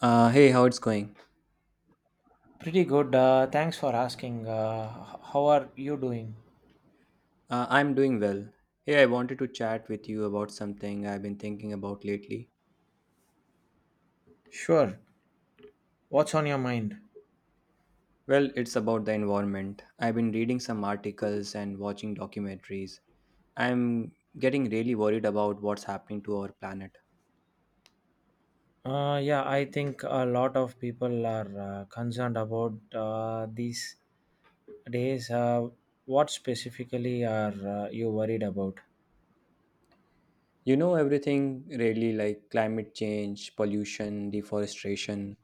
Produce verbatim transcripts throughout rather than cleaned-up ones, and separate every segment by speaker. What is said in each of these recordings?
Speaker 1: Uh, hey, how it's going?
Speaker 2: Pretty good. Uh, thanks for asking. Uh, h- how are you doing?
Speaker 1: Uh, I'm doing well. Hey, I wanted to chat with you about something I've been thinking about lately.
Speaker 2: Sure. What's on your mind?
Speaker 1: Well, it's about the environment. I've been reading some articles and watching documentaries. I'm getting really worried about what's happening to our planet.
Speaker 2: Uh, yeah, I think a lot of people are uh, concerned about uh, these days. Uh, what specifically are uh, you worried about?
Speaker 1: You know, everything really, like climate change, pollution, deforestation.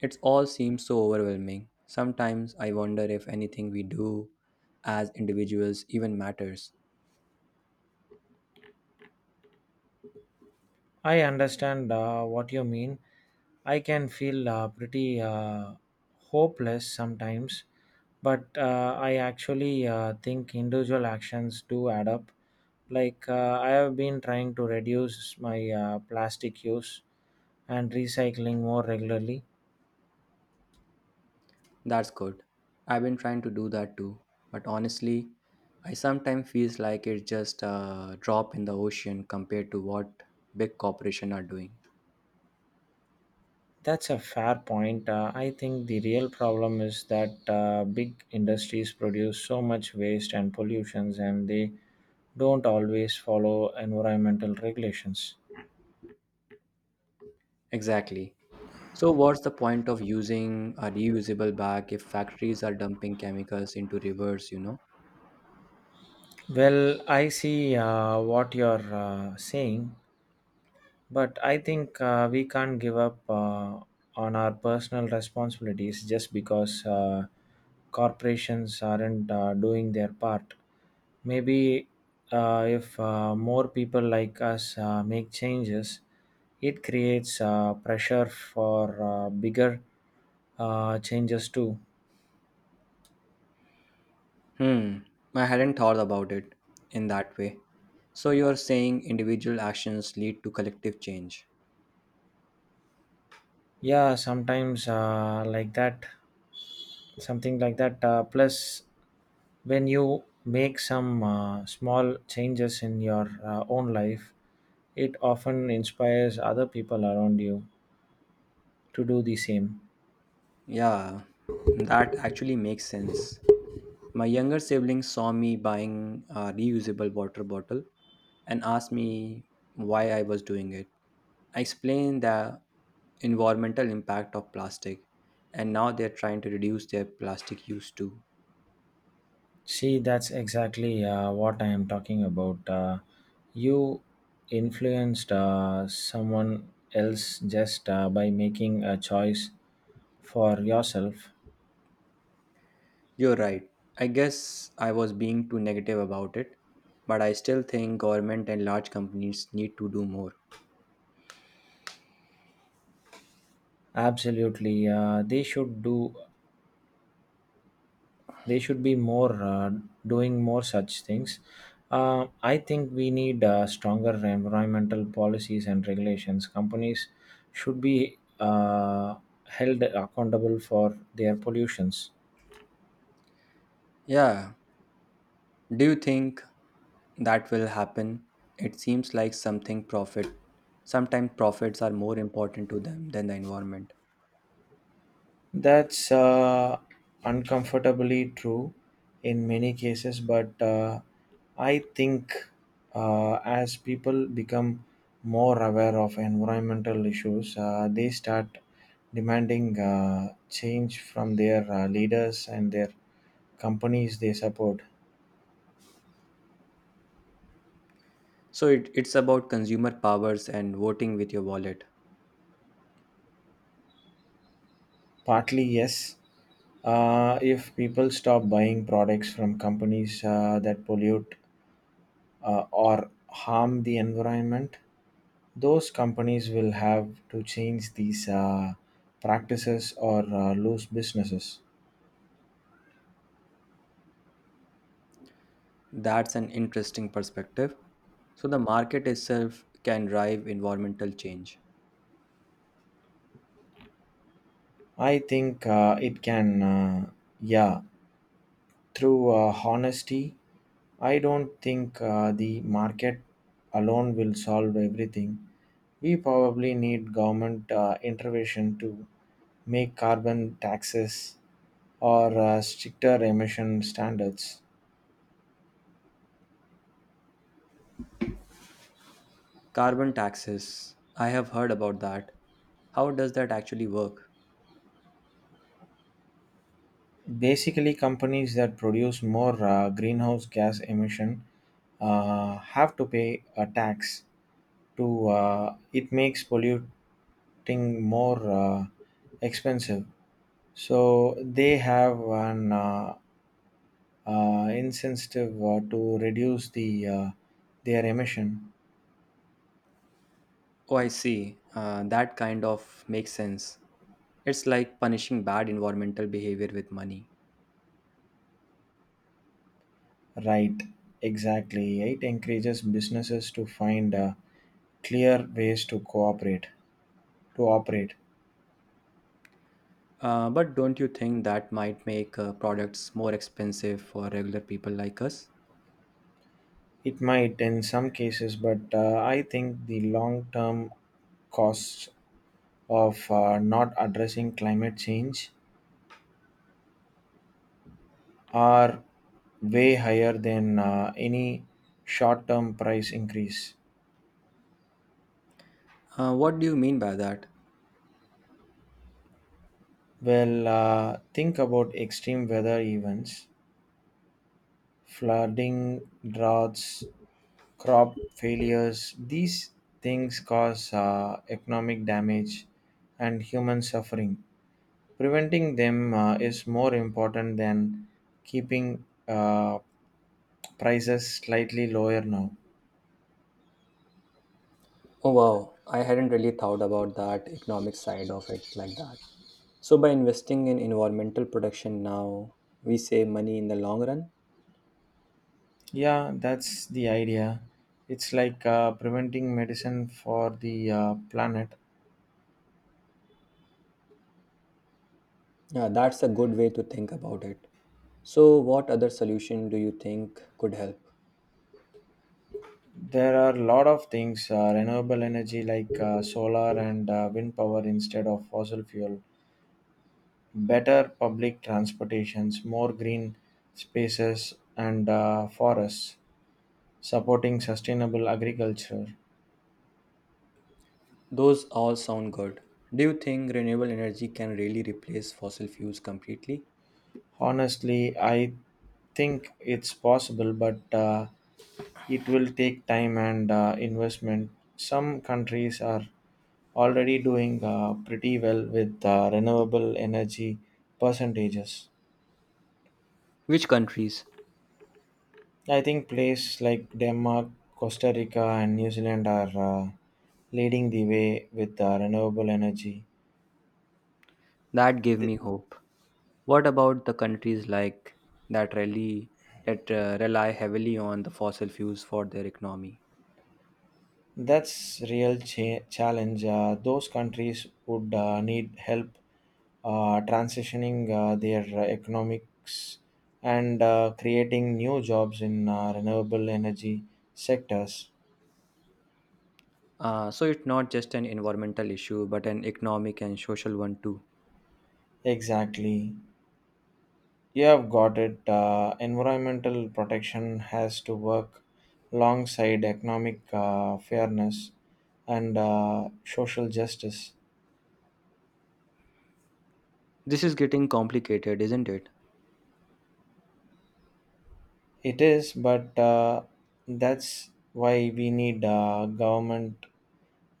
Speaker 1: It all seems so overwhelming. Sometimes I wonder if anything we do as individuals even matters.
Speaker 2: I understand uh, what you mean. I can feel uh, pretty uh, hopeless sometimes, but uh, I actually uh, think individual actions do add up. Like, uh, I have been trying to reduce my uh, plastic use and recycling more regularly.
Speaker 1: That's good. I've been trying to do that too, but honestly, I sometimes feels like it's just a drop in the ocean compared to what big corporations are doing.
Speaker 2: That's a fair point. Uh, I think the real problem is that uh, big industries produce so much waste and pollutions, and they don't always follow environmental regulations.
Speaker 1: Exactly. So what's the point of using a reusable bag if factories are dumping chemicals into rivers, you know?
Speaker 2: Well, I see uh, what you're uh, saying, but I think uh, we can't give up uh, on our personal responsibilities just because uh, corporations aren't uh, doing their part. Maybe uh, if uh, more people like us uh, make changes, it creates uh, pressure for uh, bigger uh, changes too.
Speaker 1: Hmm, I hadn't thought about it in that way. So you're saying individual actions lead to collective change.
Speaker 2: Yeah, sometimes uh, like that. Something like that uh, plus when you make some uh, small changes in your uh, own life, it often inspires other people around you to do the same.
Speaker 1: Yeah, that actually makes sense. My younger siblings saw me buying a reusable water bottle and asked me why I was doing it. I explained the environmental impact of plastic, and now they're trying to reduce their plastic use too.
Speaker 2: See, that's exactly uh, what I am talking about, uh, you influenced uh, someone else just uh, by making a choice for yourself.
Speaker 1: You're right. I guess I was being too negative about it, but I still think government and large companies need to do more.
Speaker 2: Absolutely, uh, they should do they should be more, uh, doing more such things. uh, I think we need uh, stronger environmental policies and regulations. Companies should be uh, held accountable for their pollutions.
Speaker 1: Yeah. Do you think that will happen? It seems like something profit sometimes profits are more important to them than the environment.
Speaker 2: That's uh, uncomfortably true in many cases, but uh, I think uh, as people become more aware of environmental issues, uh, they start demanding uh, change from their uh, leaders and their companies they support.
Speaker 1: So it, it's about consumer powers and voting with your wallet.
Speaker 2: Partly, yes. Uh, if people stop buying products from companies uh, that pollute uh, or harm the environment, those companies will have to change these, uh, practices or uh, lose businesses.
Speaker 1: That's an interesting perspective. So the market itself can drive environmental change.
Speaker 2: I think uh, it can, uh, yeah, through uh, honesty. I don't think uh, the market alone will solve everything. We probably need government uh, intervention to make carbon taxes or uh, stricter emission standards.
Speaker 1: Carbon taxes, I have heard about that. How does that actually work?
Speaker 2: Basically, companies that produce more uh, greenhouse gas emission uh, have to pay a tax to uh, it makes polluting more uh, expensive. So they have an uh, uh, incentive uh, to reduce the uh, their emission.
Speaker 1: Oh, I see. Uh, that kind of makes sense. It's like punishing bad environmental behavior with money.
Speaker 2: Right, exactly. It encourages businesses to find uh, clear ways to cooperate to operate.
Speaker 1: Uh, but don't you think that might make uh, products more expensive for regular people like us?
Speaker 2: It might in some cases, but uh, I think the long term costs of uh, not addressing climate change are way higher than uh, any short term price increase.
Speaker 1: Uh, what do you mean by that?
Speaker 2: Well, uh, think about extreme weather events, flooding, droughts, crop failures. These things cause uh, economic damage and human suffering. Preventing them uh, is more important than keeping uh, prices slightly lower now.
Speaker 1: Oh, wow. I hadn't really thought about that economic side of it like that. So, by investing in environmental protection now, we save money in the long run.
Speaker 2: Yeah, that's the idea. It's like uh, preventing medicine for the uh, planet.
Speaker 1: Yeah, that's a good way to think about it. So, what other solution do you think could help?
Speaker 2: There are a lot of things, uh, renewable energy like uh, solar and uh, wind power instead of fossil fuel, better public transportations, more green spaces and uh, forests, supporting sustainable agriculture.
Speaker 1: Those all sound good. Do you think renewable energy can really replace fossil fuels completely?
Speaker 2: Honestly, I think it's possible, but uh, it will take time and uh, investment. Some countries are already doing uh, pretty well with uh, renewable energy percentages.
Speaker 1: Which countries?
Speaker 2: I think places like Denmark, Costa Rica, and New Zealand are uh, leading the way with uh, renewable energy.
Speaker 1: That gave me hope. What about the countries like that really that uh, rely heavily on the fossil fuels for their economy?
Speaker 2: That's real cha- challenge. Uh, those countries would uh, need help uh, transitioning uh, their uh, economics and uh, creating new jobs in uh, renewable energy sectors.
Speaker 1: Uh, so it's not just an environmental issue, but an economic and social one too.
Speaker 2: Exactly. You have got it. Uh, environmental protection has to work alongside economic uh, fairness and uh, social justice.
Speaker 1: This is getting complicated, isn't it?
Speaker 2: It is, but uh, that's why we need uh, government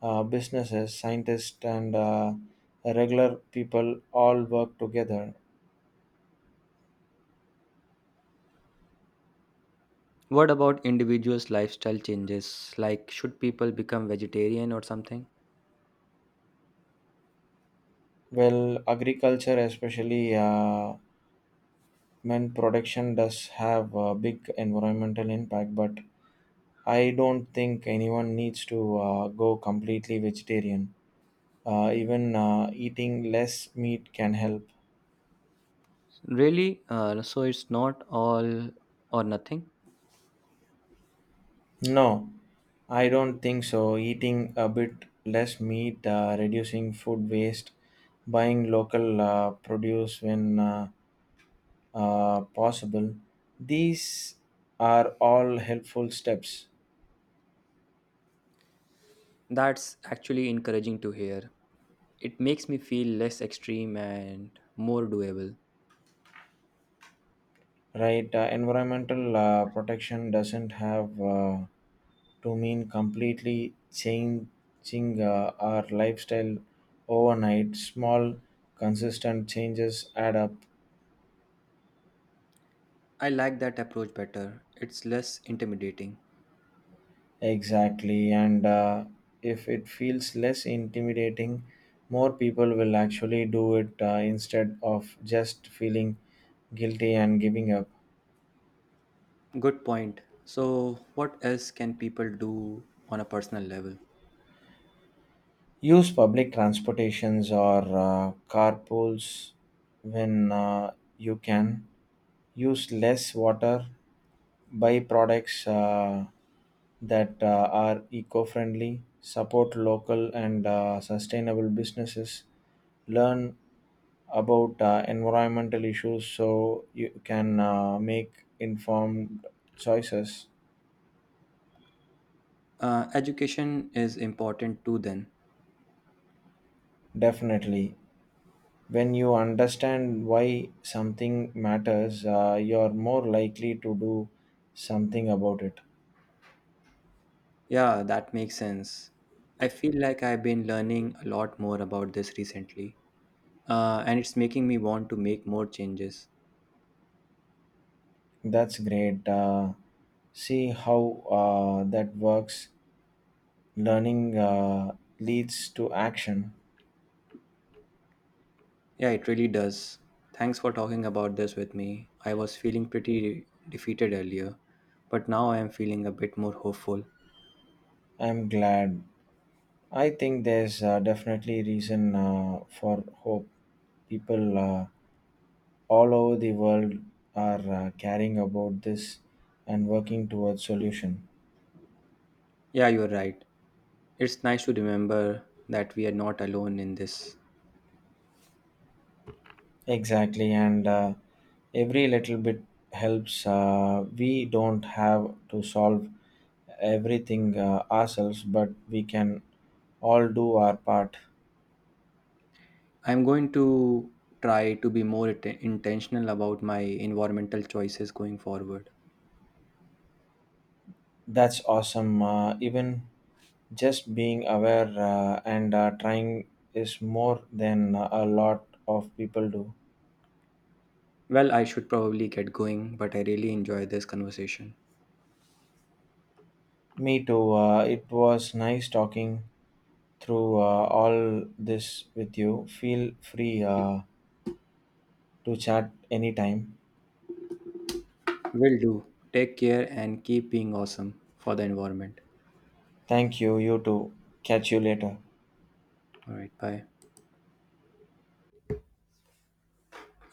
Speaker 2: uh, businesses, scientists, and uh, regular people all work together.
Speaker 1: What about individuals' lifestyle changes? Like, should people become vegetarian or something?
Speaker 2: Well, agriculture, especially uh, mint production, does have a big environmental impact, but I don't think anyone needs to uh, go completely vegetarian. Uh, even uh, eating less meat can help.
Speaker 1: Really? Uh, so it's not all or nothing?
Speaker 2: No, I don't think so. Eating a bit less meat, uh, reducing food waste, buying local uh, produce when uh, uh, possible. These are all helpful steps,
Speaker 1: That's actually encouraging to hear. It makes me feel less extreme and more doable.
Speaker 2: right? Uh, environmental uh, protection doesn't have uh, to mean completely changing uh, our lifestyle overnight. Small, consistent changes add up.
Speaker 1: I like that approach better. It's less intimidating.
Speaker 2: Exactly, and uh, if it feels less intimidating, more people will actually do it uh, instead of just feeling guilty and giving up.
Speaker 1: Good point. So, what else can people do on a personal level?
Speaker 2: Use public transportations or uh, carpools when uh, you can. Use less water. Buy products uh, that uh, are eco friendly. Support local and uh, sustainable businesses. Learn about uh, environmental issues so you can uh, make informed choices.
Speaker 1: Uh, education is important too, then.
Speaker 2: Definitely. When you understand why something matters, uh, you're more likely to do something about it.
Speaker 1: Yeah, that makes sense. I feel like I've been learning a lot more about this recently, uh, and it's making me want to make more changes.
Speaker 2: That's great. Uh, see how uh, that works. Learning uh, leads to action.
Speaker 1: Yeah, it really does. Thanks for talking about this with me. I was feeling pretty defeated earlier, but now I am feeling a bit more hopeful.
Speaker 2: I'm glad. I think there's uh, definitely reason uh, for hope. People uh, all over the world are uh, caring about this and working towards solution.
Speaker 1: Yeah, you're right. It's nice to remember that we are not alone in this.
Speaker 2: Exactly, and uh, every little bit helps. Uh, we don't have to solve everything uh, ourselves, but we can all do our part.
Speaker 1: I'm going to try to be more it- intentional about my environmental choices going forward.
Speaker 2: That's awesome, uh, even just being aware uh, and uh, trying is more than a lot of people do.
Speaker 1: Well, I should probably get going, but I really enjoy this conversation.
Speaker 2: Me too, uh, it was nice talking through uh, all this with you. Feel free uh, to chat anytime.
Speaker 1: Will do. Take care and keep being awesome for the environment.
Speaker 2: Thank you. You too. Catch you later.
Speaker 1: All right, bye.